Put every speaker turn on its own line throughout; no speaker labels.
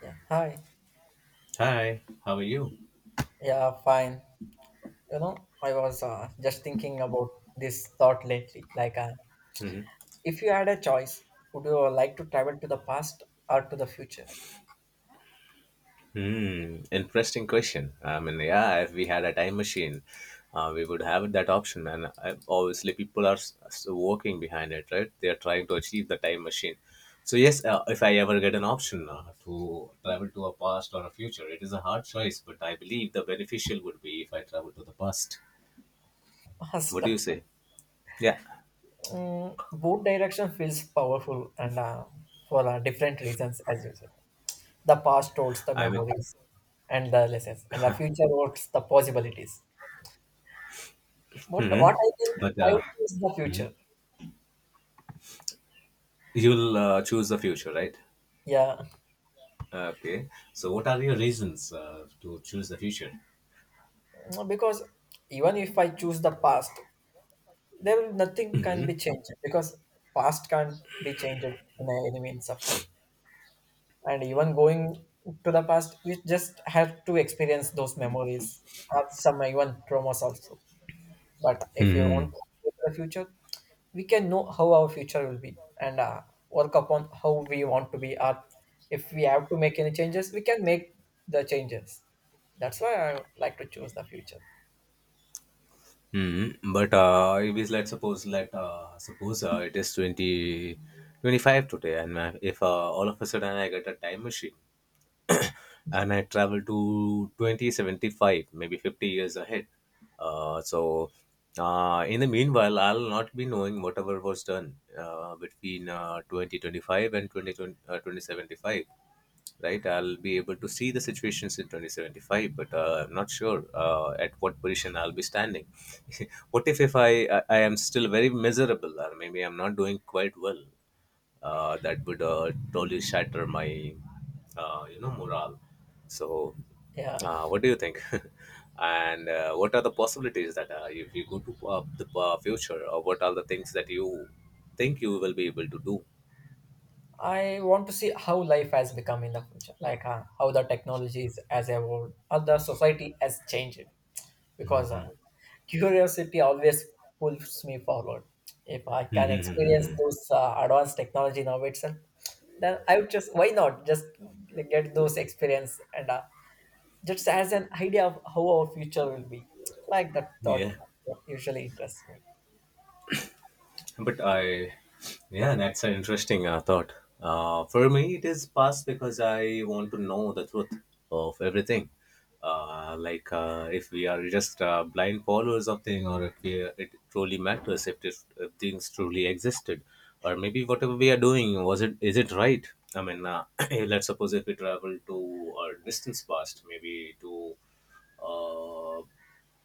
Yeah, hi.
Hi, how are you?
Yeah, fine. You know, I was just thinking about this thought lately.
Hmm,
If you had a choice, would you like to travel to the past or to the future?
interesting question. I mean, yeah, if we had a time machine, we would have that option. And obviously, people are working behind it, right? They are trying to achieve the time machine. So yes, if I ever get an option to travel to a past or a future, it is a hard choice, but I believe the beneficial would be if I travel to the past.
Past.
What do you say? Yeah,
Both direction feels powerful and for different reasons, as you said. The past holds the
I mean,
memories and the lessons, and the future holds the possibilities. But
hmm,
what I think
but
I would choose the
mhm,
future.
you'll choose the future, right?
Yeah,
Okay. So, what are your reasons to choose the future?
because even if I choose the past, there will nothing can be changed because past can't be changed in any means of way. And even going to the past, we just have to experience those memories or some even traumas also. But if you
Hmm.
want to go to the future, we can know how our future will be and work upon how we want to be. Or if we have to make any changes, we can make the changes. That's why I like to choose the future.
Hmm. But if it's let's suppose let suppose it is 2025 today, and if all of a sudden I get a time machine and I travel to 2075, maybe 50 years ahead, uh, so in the meanwhile I'll not be knowing whatever was done between 2025 and 2075, right? I'll be able to see the situations in 2075, but I'm not sure at what position I'll be standing. What if I am still very miserable, or maybe I'm not doing quite well? That would totally shatter my, morale. So,
Yeah.
what do you think? And what are the possibilities that if you go to the future, or what are the things that you think you will be able to do?
I want to see how life has become in the future, like how the technology is has evolved, how the society has changed. Because
Mhm.
curiosity always pulls me forward. If I can experience
Mhm.
those advanced technology now itself, then I would just why not just like, get those experience and just as an idea of how our future will be. Like that thought
Yeah.
usually interests me.
But I, yeah, that's an interesting thought. For me, it is past because I want to know the truth of everything. If we are just blind followers of thing, or if we, it truly matters, if things truly existed, or maybe whatever we are doing was it is it right? I mean, let's suppose if we travel to a distance past, maybe to uh,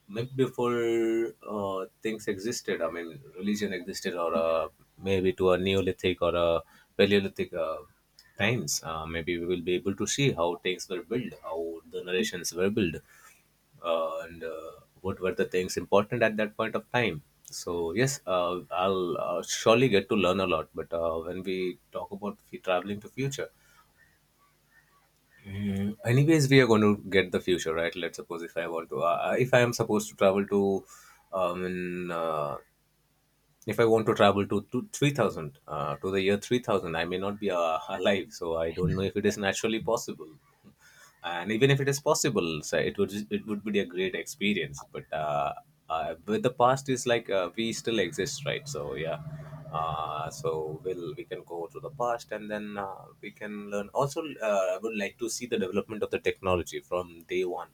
maybe before things existed, I mean religion existed, or maybe to a neolithic or a paleolithic times, maybe we will be able to see how things were built, how the narrations were built, and what were the things important at that point of time. So yes, I'll surely get to learn a lot. But when we talk about traveling to future, mm, anyways we are going to get the future, right? Let's suppose if I want to if I am supposed to travel to in if I want to travel to 3000, to the year 3000, I may not be alive. So I don't know if it is naturally possible. And even if it is possible, so it would be a great experience. But with the past is like we still exist, right? So yeah, so we can go to the past and then we can learn. Also, I would like to see the development of the technology from day one,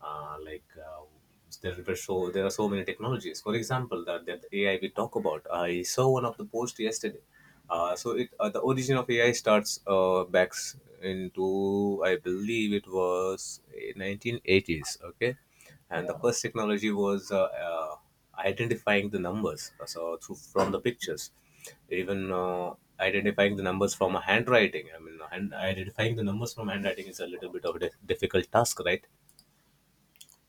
uh, like uh, there are so many technologies. For example, that AI we talk about. I saw one of the post yesterday. So it the origin of AI starts back into, I believe it was 1980s. Okay, and the
Yeah,
first technology was uh, identifying the numbers. So through, from the pictures, even identifying the numbers from a handwriting. I mean, identifying the numbers from handwriting is a little bit of a difficult task, right?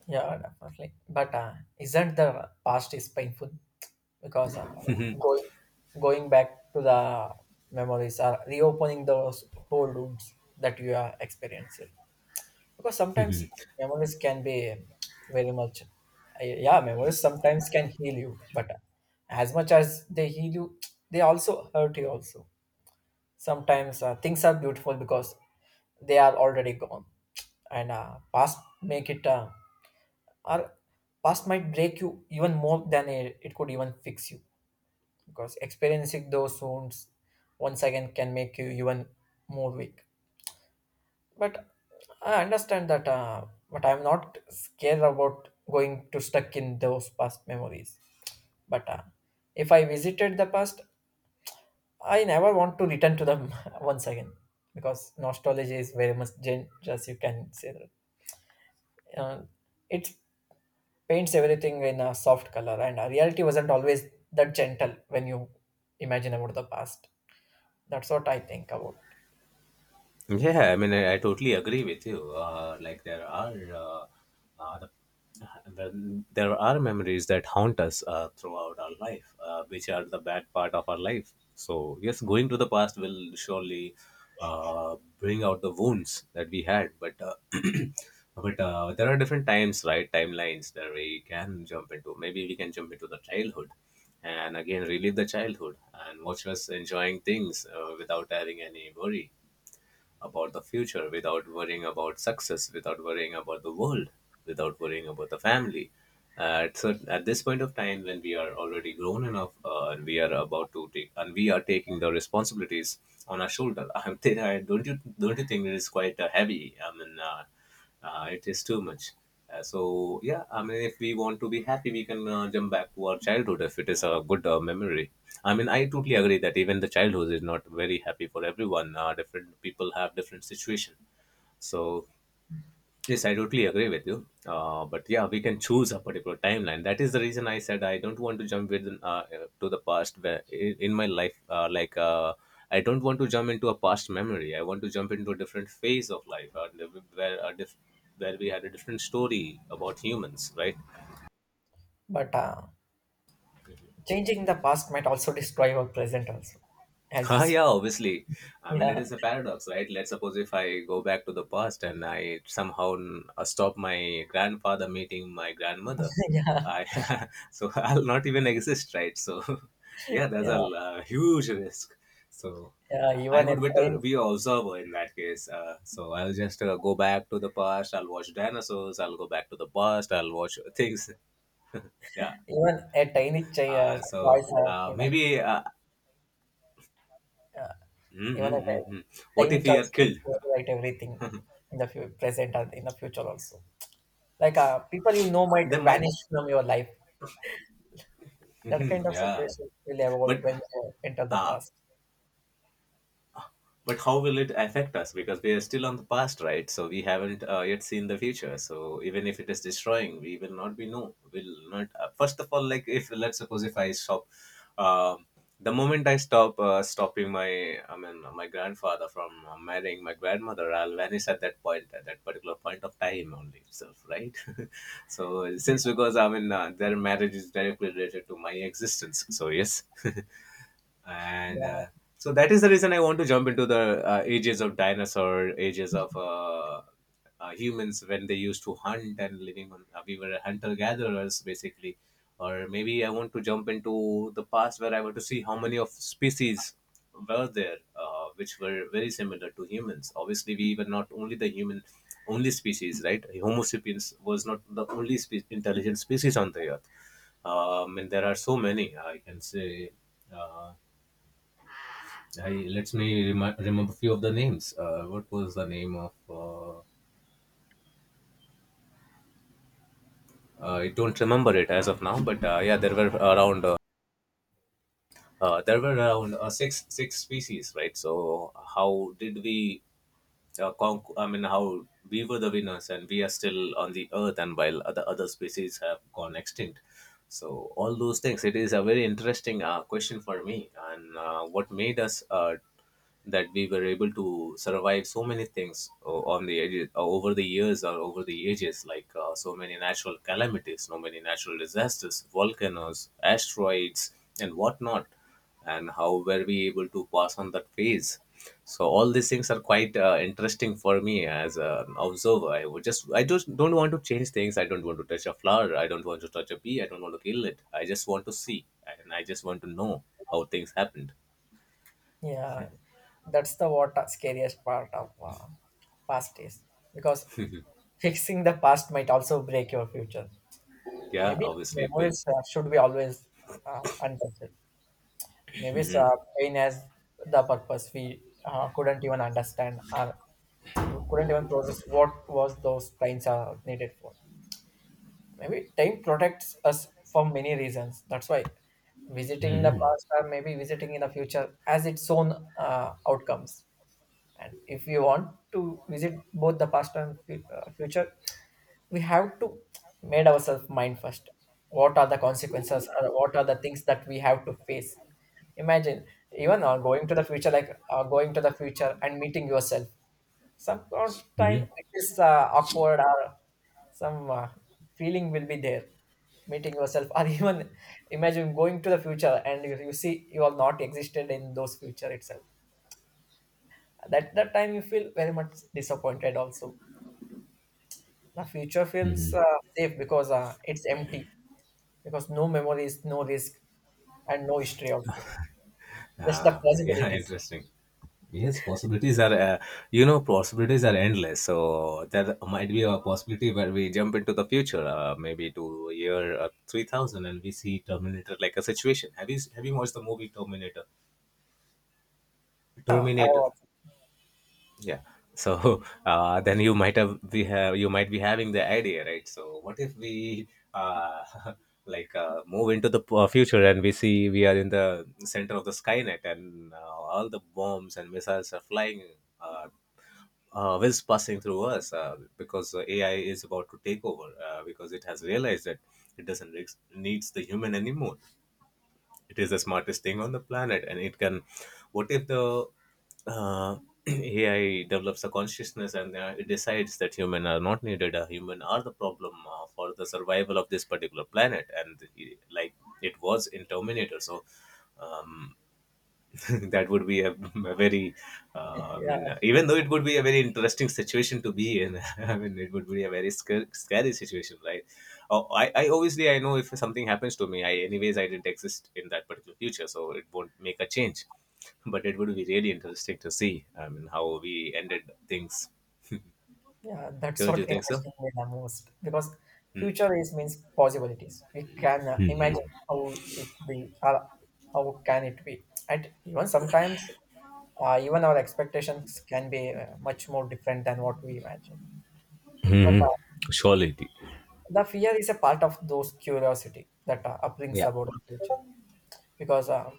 yeah, definitely. But isn't the past is painful? Because going going back to the memories are reopening those whole rooms that you are experiencing because sometimes memories can be very much yeah memories sometimes can heal you, but as much as they heal you, they also hurt you also. Sometimes things are beautiful because they are already gone, and past make it or past might break you even more than it could even fix you because experiencing those wounds once again can make you even more weak. But I understand that, but I'm not scared about going to stuck in those past memories. But if I visited the past, I never want to return to them once again because nostalgia is very much dangerous. You can say that uh, it paints everything in a soft color, and reality wasn't always that gentle when you imagine about the past. That's what I think about.
Yeah, I mean, I totally agree with you. Like there are uh, uh, the, there are memories that haunt us throughout our life, which are the bad part of our life. So yes, going to the past will surely bring out the wounds that we had. But but there are different times, right? Timelines that we can jump into. Maybe we can jump into the childhood. And again, relive the childhood and watch us enjoying things without having any worry about the future, without worrying about success, without worrying about the world, without worrying about the family. So at this point of time, when we are already grown enough, and we are about to take, and we are taking the responsibilities on our shoulder, don't you, think it is quite heavy? I mean, it is too much. So yeah, I mean, if we want to be happy, we can jump back to our childhood if it is a good memory. I mean, I totally agree that even the childhood is not very happy for everyone. Uh, different people have different situation. So yes, I totally agree with you. But yeah, we can choose a particular timeline. That is the reason I said I don't want to jump with to the past where in my life. I don't want to jump into a past memory. I want to jump into a different phase of life, where a diff- where we had a different story about humans, right?
But changing the past might also destroy our present also, as you
Ah, yeah,
said.
obviously. I mean, it is
Yeah,
a paradox, right? Let's suppose if I go back to the past and I somehow stop my grandfather meeting my grandmother,
yeah,
I so I'll not even exist, right? So, yeah, that's a
yeah,
huge risk. So,
yeah.
I would better be observer in that case. So I'll just go back to the past. I'll watch dinosaurs. I'll go back to the past. I'll watch things. Yeah.
Even a tiny ch-
So
choice could,
maybe.
uh,
Mm,
even a
mm, mm, mm. What
tiny
if we are
choice could
killed?
overwrite everything in the present and in the future also. Like people you know might
They might,
vanish from your life. That
mhm,
kind of
yeah,
situation will evolve
but
when you enter the
uh,
past.
but how will it affect us? Because we are still on the past, right? So we haven't yet seen the future. So even if it is destroying, we will not be no. Will not. First of all, like if let's suppose if I stop, um, the moment I stop I mean my grandfather from marrying my grandmother, I'll vanish at that point, at that particular point of time only itself, right? So, since because I mean their marriage is directly related to my existence, so yes. and
Yeah,
So that is the reason I want to jump into the ages of dinosaur, ages of humans when they used to hunt and living on we were hunter gatherers basically. Or maybe I want to jump into the past where I want to see how many of species were there, which were very similar to humans. Obviously, we were not only the human only species, right? Homo sapiens was not the only intelligent species on the earth. And there are so many, I can say. Uh, I Let me remember few of the names. What was the name of? I don't remember it as of now, but yeah, there were around six species, right? So how did we I mean, how we were the winners and we are still on the earth, and while other species have gone extinct. So all those things. It is a very interesting question for me, and what made us that we were able to survive so many things on the edges, over the years or over the ages, like so many natural calamities, so many natural disasters, volcanoes, asteroids, and whatnot. And how were we able to pass on that phase? So all these things are quite interesting for me as an observer. I just don't want to change things. I don't want to touch a flower. I don't want to touch a bee. I don't want to kill it. I just want to see, and I just want to know how things happened.
yeah. That's the what scariest part of past is because fixing the past might also break your future.
Yeah,
Maybe
obviously it will.
memories should be always untouched. Maybe pain has the purpose we couldn't even understand or couldn't even process what was those pains are needed for. Maybe time protects us for many reasons. That's why visiting the past or maybe visiting in the future has its own outcomes. And if you want to visit both the past and future, we have to made ourselves mind first what are the consequences or what are the things that we have to face. Imagine even going to the future, like going to the future and meeting yourself, some time it is awkward or some feeling will be there, meeting yourself. Or even imagine going to the future and you see you have not existed in those future itself. That time you feel very much disappointed also. The future feels
Hmm.
safe because it's empty because no memories, no risk, and no history also. Just the
Yeah,
possibilities.
interesting. Yes, possibilities are, possibilities are endless. So there might be a possibility where we jump into the future, maybe to year 3000, and we see Terminator like a situation. Have you watched the movie Terminator?
Yeah, I
Terminator.
was.
Yeah. So then you might have we have you might be having the idea, right? So what if we uh, move into the future and we see we are in the center of the Skynet and all the bombs and missiles are flying, uh, whiz passing through us because AI is about to take over because it has realized that it doesn't re- needs the human anymore. It is the smartest thing on the planet and it can— what if the uh, ai develops a consciousness and it decides that human are not needed, human are the problem for the survival of this particular planet, and like it was in Terminator. So um, that would be a very—
Yeah,
even though it would be a very interesting situation to be in, I mean it would be a very scary situation, right? Oh, I obviously— I know if something happens to me, I anyways, I didn't exist in that particular future, so it won't make a change. But it would be really interesting to see, I mean, how we ended things.
yeah, that's
Don't
what
you think so?
interesting me the most because future is means possibilities. We can imagine how it be, how can it be, and even sometimes even our expectations can be much more different than what we imagine. But
Hmm. Surely.
the fear is a part of those curiosity that brings
Yeah.
about the future. Because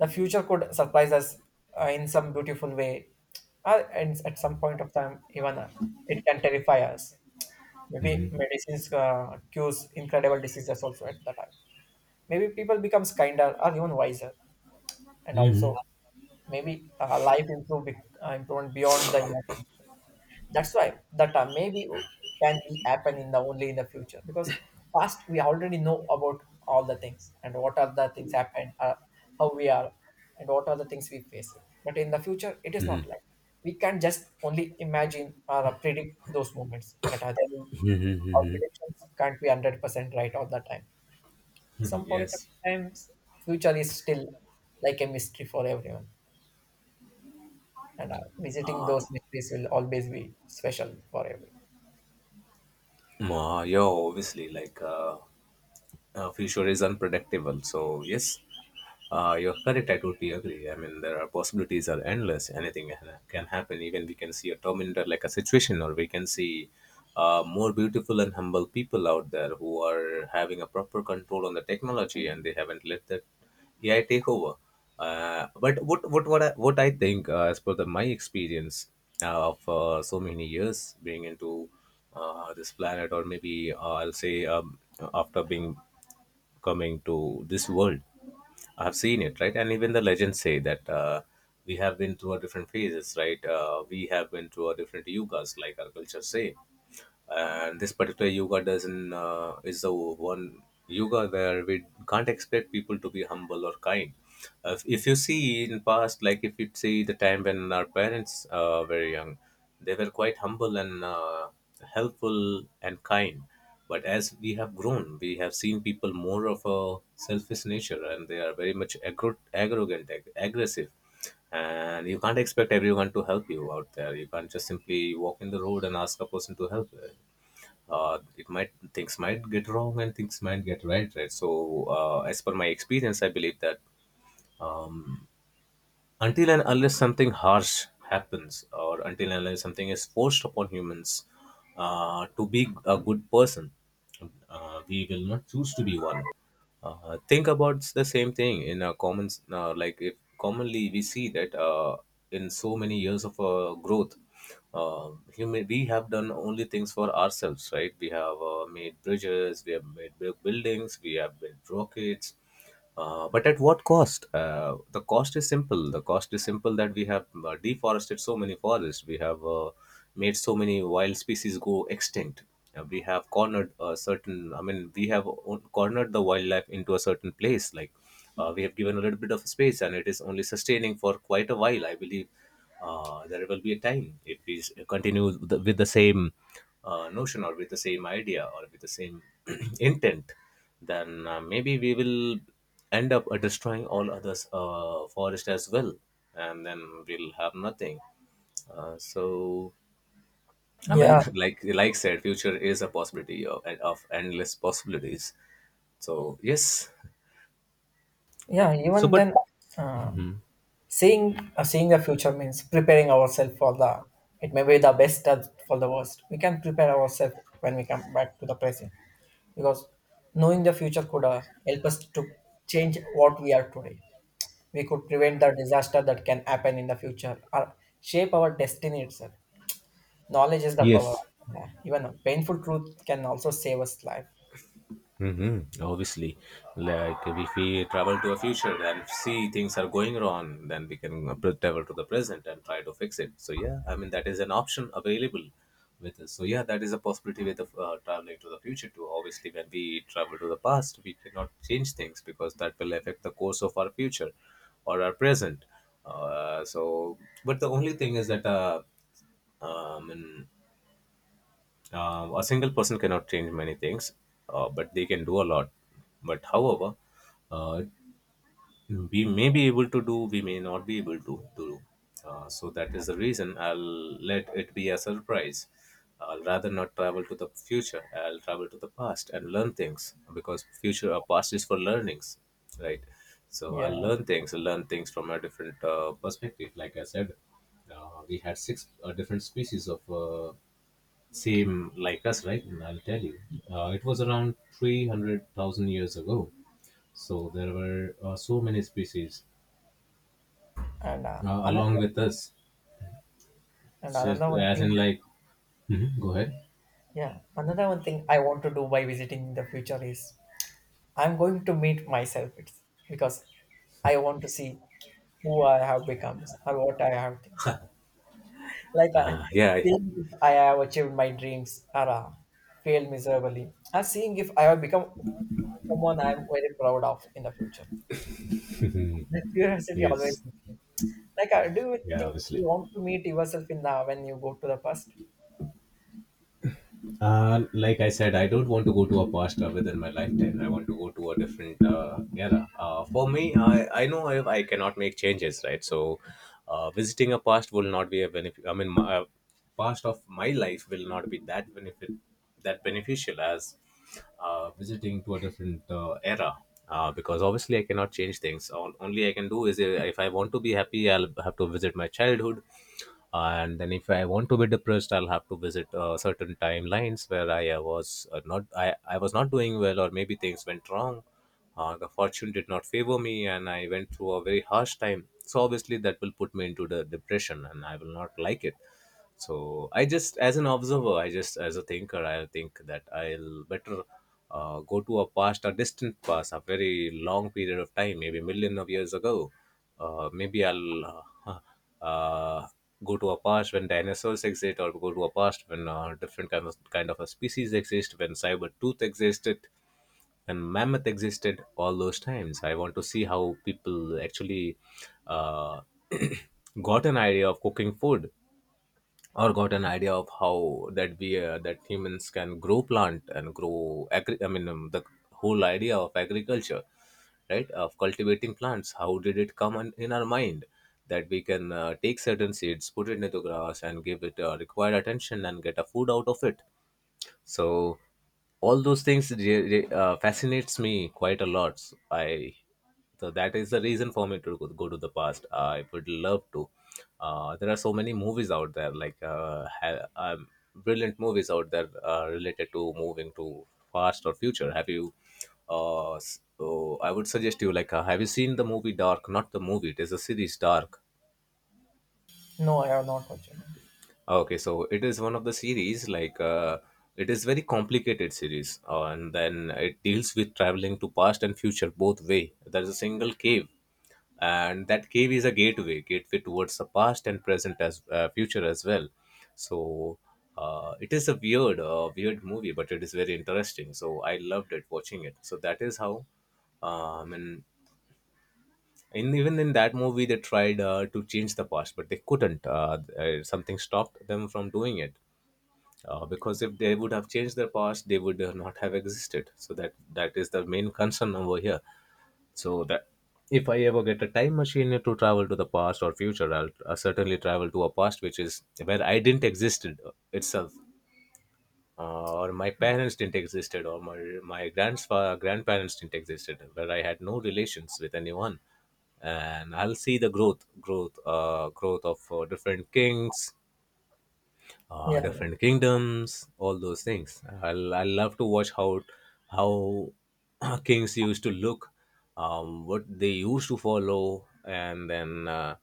the future could surprise us in some beautiful way and at some point of time even it can terrify us. Maybe
Mhm.
medicines cures incredible diseases also at the time. Maybe people becomes kinder or even wiser, and also
Mhm.
maybe life improve, improvement beyond the imagination. That's why that maybe can be happen in the only in the future because past we already know about all the things and what are the things happen, how we are, and what are the things we face. But in the future, it is not
Mhm.
like we can just only imagine or predict those moments. But other than, our
Mhm.
predictions can't be 100% right all the time.
Mhm.
Some point of
yes.
times, future is still like a mystery for everyone, and visiting those mysteries will always be special for everyone.
Mm. Yeah, obviously, future is unpredictable. So yes, you're correct. I totally agree. I mean, there are— possibilities are endless. Anything can happen. Even we can see a Terminator like a situation, or we can see more beautiful and humble people out there who are having a proper control on the technology, and they haven't let that AI take over. But what I think as per the my experience of so many years being into this planet, or maybe I'll say after being— coming to this world. I've seen it, right? And even the legends say that we have been through our different phases, right? We have been through our different yugas, like our culture say. And this particular yoga doesn't— is the one yoga where we can't expect people to be humble or kind. If, you see, in past, like if you see the time when our parents were young, they were quite humble and, helpful and kind. But as we have grown we have seen people more of a selfish nature, and they are very much arrogant, aggressive. And you can't expect everyone to help you out there. You can't just simply walk in the road and ask a person to help you. It might— things might get wrong and things might get right, right? So as per my experience, I believe that um, until and unless something harsh happens, or until and unless something is forced upon humans to be a good person, we will not choose to be one. Think about the same thing in a common— like if commonly we see that in so many years of growth, human, we have done only things for ourselves, right? We have made bridges, we have made big buildings, we have built rockets. But at what cost? The cost is simple. The cost is simple that we have deforested so many forests. We have made so many wild species go extinct. We have cornered a certain— I mean, we have cornered the wildlife into a certain place. Like we have given a little bit of space, and it is only sustaining for quite a while, I believe. There will be a time if we continue with with the same notion, or with the same idea, or with the same intent, then maybe we will end up destroying all others forest as well, and then we'll have nothing. So I mean,
Yeah,
like said, future is a possibility of endless possibilities. So yes.
yeah,
So
even
but—
then, uh,
Mhm.
seeing seeing the future means preparing ourselves for the. It may be the best or for the worst. We can prepare ourselves when we come back to the present because knowing the future could help us to change what we are today. We could prevent the disaster that can happen in the future or shape our destiny itself. Knowledge is the power.
Yes.
Yeah, even a painful truth can also save us life.
Hmm. Obviously, like if we travel to a future and see things are going wrong, then we can travel to the present and try to fix it. So yeah, I mean, that is an option available with us. So yeah, that is a possibility with— of traveling to the future too. Obviously, when we travel to the past, we cannot change things because that will affect the course of our future or our present. Uh, so, but the only thing is that. And a single person cannot change many things, but they can do a lot. But however, uh, we may be able to do— we may not be able to do. So that is the reason I'll let it be a surprise. I'll rather not travel to the future. I'll travel to the past and learn things, because future or past is for learnings, right? So I'll
Yeah,
learn things from a different perspective. Like I said, we had six different species of same like us, right? And I'll tell you, it was around 300,000 years ago. So there were so many species
and uh, another
along with us.
and
Just
another one
as
thing
in, like— Mhm, go ahead.
Yeah, another one thing I want to do by visiting the future is I'm going to meet myself. It's because I want to see who I have become or what I have things. Like I,
Yeah.
seeing if I have achieved my dreams or failed miserably, and seeing if I have become someone I'm very proud of in the future. The curiosity always.
Yes.
Is there. Like, do you
Yeah,
think you
obviously.
want to meet yourself in the when you go to the past?
Like I said, I don't want to go to a past within my lifetime. I want to go to a different era. For me, I know I cannot make changes, right? So, visiting a past will not be a benefit. I mean, my, past of my life will not be that benefit, that beneficial as visiting to a different era, because obviously I cannot change things. All— only I can do is, if I want to be happy, I'll have to visit my childhood. And then if I want to be depressed, I'll have to visit certain timelines where I was not— I was not doing well, or maybe things went wrong, the fortune did not favor me, and I went through a very harsh time. So obviously, that will put me into the depression, and I will not like it. So I just, as an observer, I just, as a thinker, I think that I'll better go to a past, a distant past, a very long period of time, maybe million of years ago. Maybe I'll uh, go to a past when dinosaurs exist, or go to a past when different kind of a species exist, when cyber tooth existed, and mammoth existed. All those times I want to see how people actually uh, got an idea of cooking food, or got an idea of how that we that humans can grow plant and grow I mean the whole idea of agriculture, right, of cultivating plants. How did it come on, in our mind, that we can take certain seeds, put it into grass, and give it required attention and get a food out of it. so all those things fascinates me quite a lot. So that is the reason for me to go to the past. I would love to. There are so many movies out there, like brilliant movies out there related to moving to past or future. Have you oh, I would suggest you, like, have you seen the movie Dark? Not the movie, it is a series, Dark.
No, I have not actually.
Okay, so it is one of the series, like, it is very complicated series, and then it deals with traveling to past and future both way. There is a single cave, and that cave is a gateway, gateway towards the past and present, as future as well. So it is a weird, weird movie, but it is very interesting. So I loved it watching it. So that is how, and in, even in that movie they tried to change the past, but they couldn't. Something stopped them from doing it, because if they would have changed their past, they would not have existed. So that— that is the main concern over here. So that if I ever get a time machine to travel to the past or future, I'll— I certainly travel to a past which is where I didn't existed itself, or my parents didn't existed, or my grandfather grandparents didn't existed, where I had no relations with anyone. And I'll see the growth, growth, growth of different kings,
Yeah,
different kingdoms, all those things. I love to watch how kings used to look, what they used to follow, and then uh,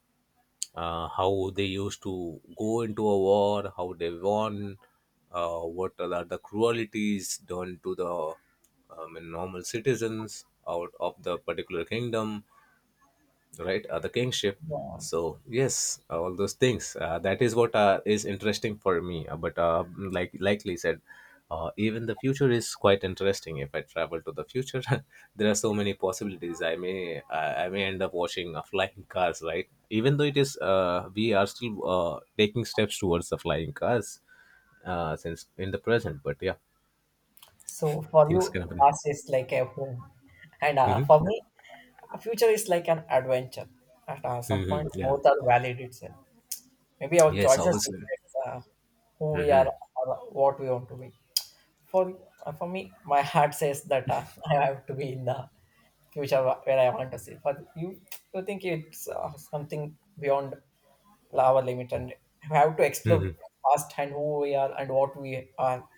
uh, how they used to go into a war, how they won. What are the cruelties done to the normal citizens out of the particular kingdom? Right the kingship.
yeah.
Yes, all those things, that is what is interesting for me, but like likely said. Even the future is quite interesting if I travel to the future. There are so many possibilities. I may end up watching flying cars, right? Even though it is, we are still taking steps towards the flying cars, since in the present, but yeah,
So for
things
you,
can happen.
past is like a home, and
Hmm.
for me, future is like an adventure. At some
Hmm.
point,
Yeah,
both are valid itself. Maybe our
yes,
choices
obviously.
reflects who we are or what we want to be. For me, my heart says that I have to be in the future where I want to see. For you, you think it's something beyond our limit, and we have to
Hmm.
explore past and who we are and what we are.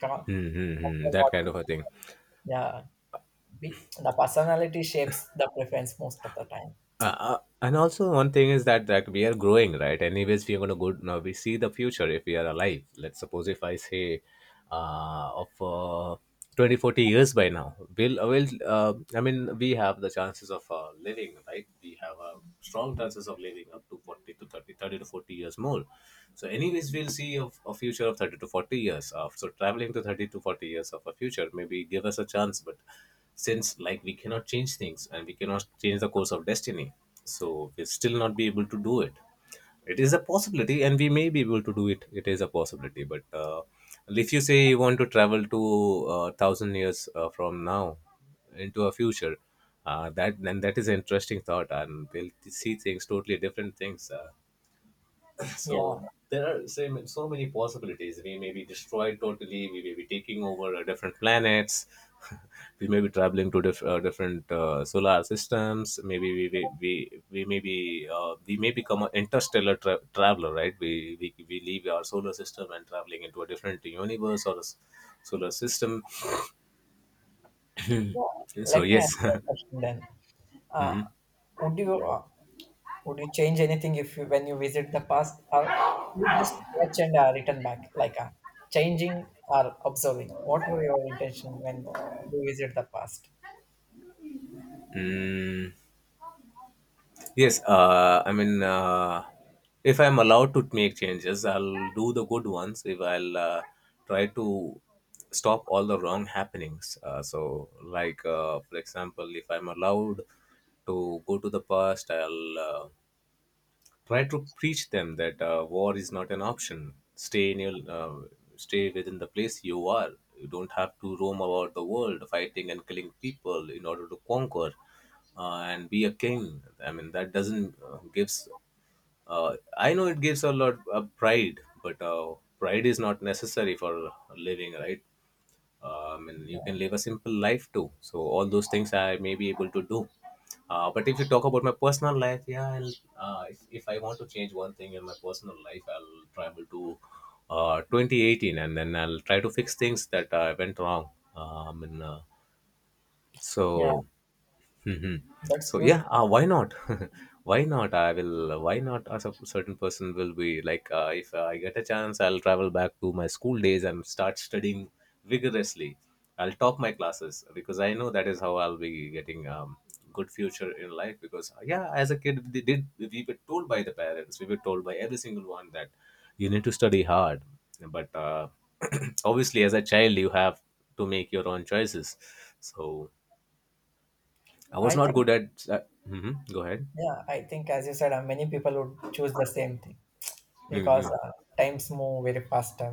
Come on,
Hmm. Hmm, that
what
kind
we-
of a thing.
yeah. The personality shapes the preference most of the time.
And also, one thing is that that we are growing, right? Anyways, we're going to go. Now we see the future, if we are alive. Let's suppose if I say, of 20 40 years by now, will, I mean, we have the chances of living, right? We have a strong chances of living up to 40 to 30, 30 to 40 years more. So anyways, we'll see of a future of 30 to 40 years of. So traveling to 30 to 40 years of a future maybe give us a chance, but since like we cannot change things and we cannot change the course of destiny, so we'll still not be able to do it. It is a possibility, and we may be able to do it is a possibility, but if you say you want to travel to thousand years from now into a future. That is an interesting thought, and we'll see things, totally different things. uh,
Yeah,
so there are so many possibilities. We may be destroyed totally. We may be taking over different planets. We may be traveling to different solar systems. Maybe we may be, we may become an interstellar traveler, right? We leave our solar system and traveling into a different universe or a solar system.
yeah.
So
Let me ask
yes.
you a question then. Uh,
Mhm.
would you would you change anything if you, when you visit the past, or you just watch and return back, like changing or observing? What were your intention when you visit the past?
Mm. Yes, I mean, if I'm allowed to make changes, I'll do the good ones. If I'll Try to stop all the wrong happenings. Like, for example, if I'm allowed to go to the past, I'll try to preach them that war is not an option. Stay within the place you are. You don't have to roam about the world fighting and killing people in order to conquer, and be a king. I mean that doesn't gives. I know it gives a lot of pride, but pride is not necessary for living, right? And
Yeah,
you can live a simple life too, so all those things I may be able to do. But if you talk about my personal life, yeah, I'll, if I want to change one thing in my personal life, I'll travel to 2018 and then I'll try to fix things that went wrong. And, so
yeah,
Hmm.
that's
So yeah,
beautiful.
why not? Why not? I will. Why not? As a certain person will be like, if I get a chance, I'll travel back to my school days and start studying vigorously. I'll top my classes because I know that is how I'll be getting good future in life. Because yeah, as a kid, they did we were told by the parents, we were told by every single one that you need to study hard. But obviously, as a child, you have to make your own choices. So I was
I
not
think,
good at. Mhm. Go ahead.
yeah, I think as you said, many people would choose the same thing. because
Hmm.
uh, times move very faster.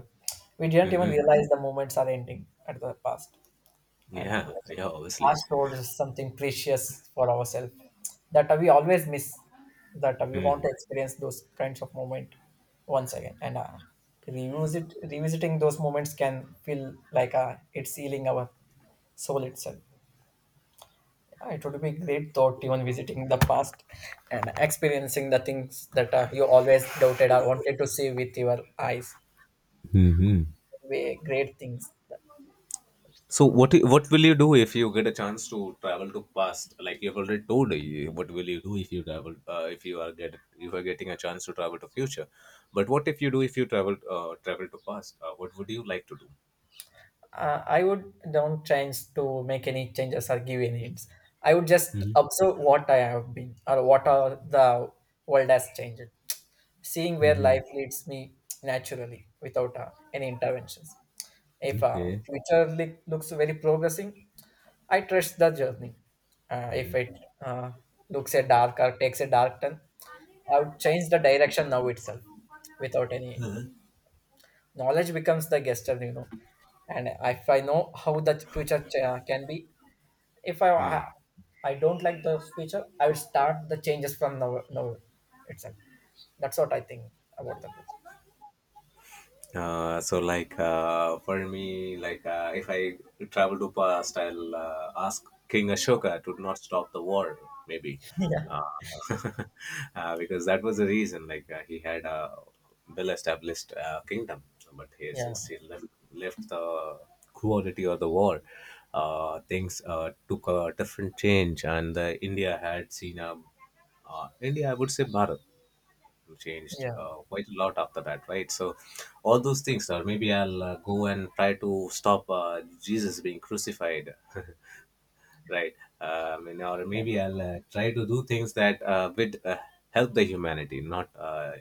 We didn't even
Hmm.
realize the moments are ending at the past, and
Yeah, yeah, obviously.
past told us something precious for ourselves that we always miss. That we want to
Hmm.
experience those kinds of moment once again, and revisiting those moments can feel like it's healing our soul itself. It would be great thought even visiting the past and experiencing the things that you always doubted or wanted to see with your eyes
Hmm.
way great things.
So what will you do if you get a chance to travel to past? Like you've already told, you, what will you do if you travel? If you are getting a chance to travel to future, but what if you do if you travel to past? What would you like to do?
I would don't change to make any changes or give any hints. I would just observe what I have been or what are the world has changed. Seeing where
Hmm.
life leads me naturally without any interventions. If
Okay.
future looks very progressing, I trust the journey. If it uh, looks a dark or takes a dark turn, I would change the direction now itself without any. Knowledge becomes the guest of you know, and if I know how the future can be, if I
Hmm.
I don't like the future, I will start the changes from now now itself. That's what I think about the future.
Like, for me, like, if I travel to past, I'll ask King Ashoka to not stop the war, maybe.
Yeah,
uh, because that was the reason. Like, he had a well-established kingdom, but he, since
yeah,
he left, left the cruelty or the war, things took a different change, and India had seen a, I would say Bharat changed
yeah,
quite a lot after that, right? So, all those things, or maybe I'll go and try to stop Jesus being crucified, right? I mean, or maybe I'll try to do things that would help the humanity, not. Uh,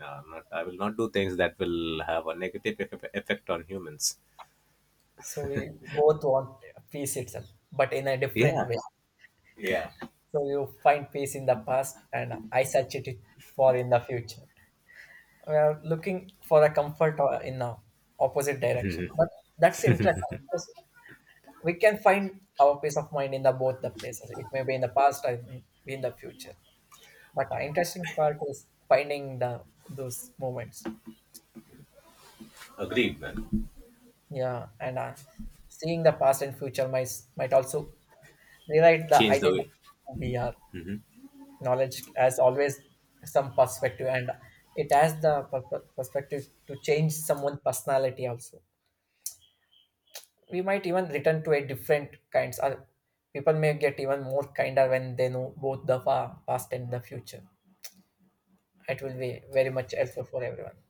uh, Not, I will not do things that will have a negative effect on humans.
so we both want peace itself, but in a different
Yeah,
way.
yeah,
So you find peace in the past, and I search it for in the future. We are looking for a comfort in the opposite direction, but that's interesting because we can find our peace of mind in the both the places. It may be in the past, or it may be in the future. But the interesting part is finding the those moments.
agreed, man.
Yeah, and seeing the past and future might also rewrite the
Change the
identity
way.
who we are.
Mhm.
Knowledge has always some perspective, and it has the perspective to change someone's personality. Also, we might even return to a different kinds. Or people may get even more kinder when they know both the past and the future. It will be very much helpful for everyone.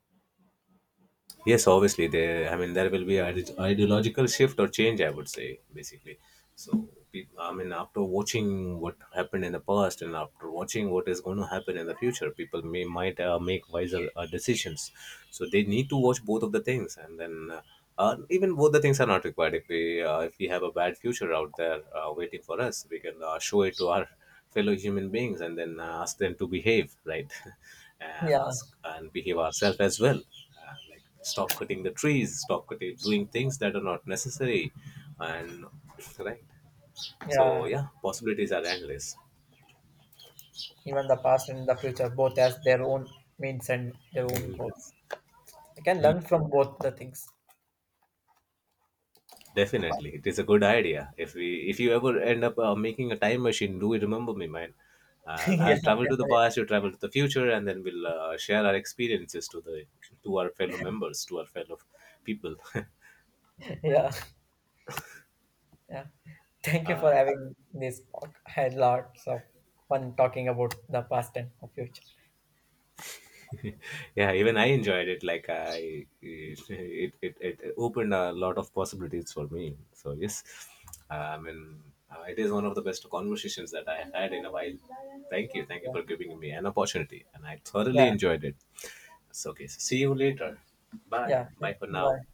Yes, obviously there. I mean, there will be ideological shift or change. I would say basically. I mean, after watching what happened in the past and after watching what is going to happen in the future, people may might make wiser decisions. So they need to watch both of the things, and then, even both the things are not required. If we have a bad future out there waiting for us, we can show it to our fellow human beings and then ask them to behave right,
Yeah,
and ask and behave ourselves as well. Like, stop cutting the trees, stop cutting, doing things that are not necessary, and right. So
yeah,
yeah, possibilities are endless.
even the past and the future both has their own means and their own
Mhm.
goals. We can learn from both the things.
Definitely, it is a good idea. If you ever end up making a time machine, do remember me, man.
Yeah,
I'll travel to the past, you travel to the future, and then we'll share our experiences to our fellow members, to our fellow people.
yeah, yeah. Thank you for having this talk. I had lots of fun talking about the past and the future.
Yeah, even I enjoyed it. It opened a lot of possibilities for me, so yes, I mean, it is one of the best conversations that I had in a while. Thank you
Yeah,
for giving me an opportunity, and I thoroughly
yeah,
enjoyed it. So okay, so see you later. Bye
yeah. Thank-
bye for now.
yeah.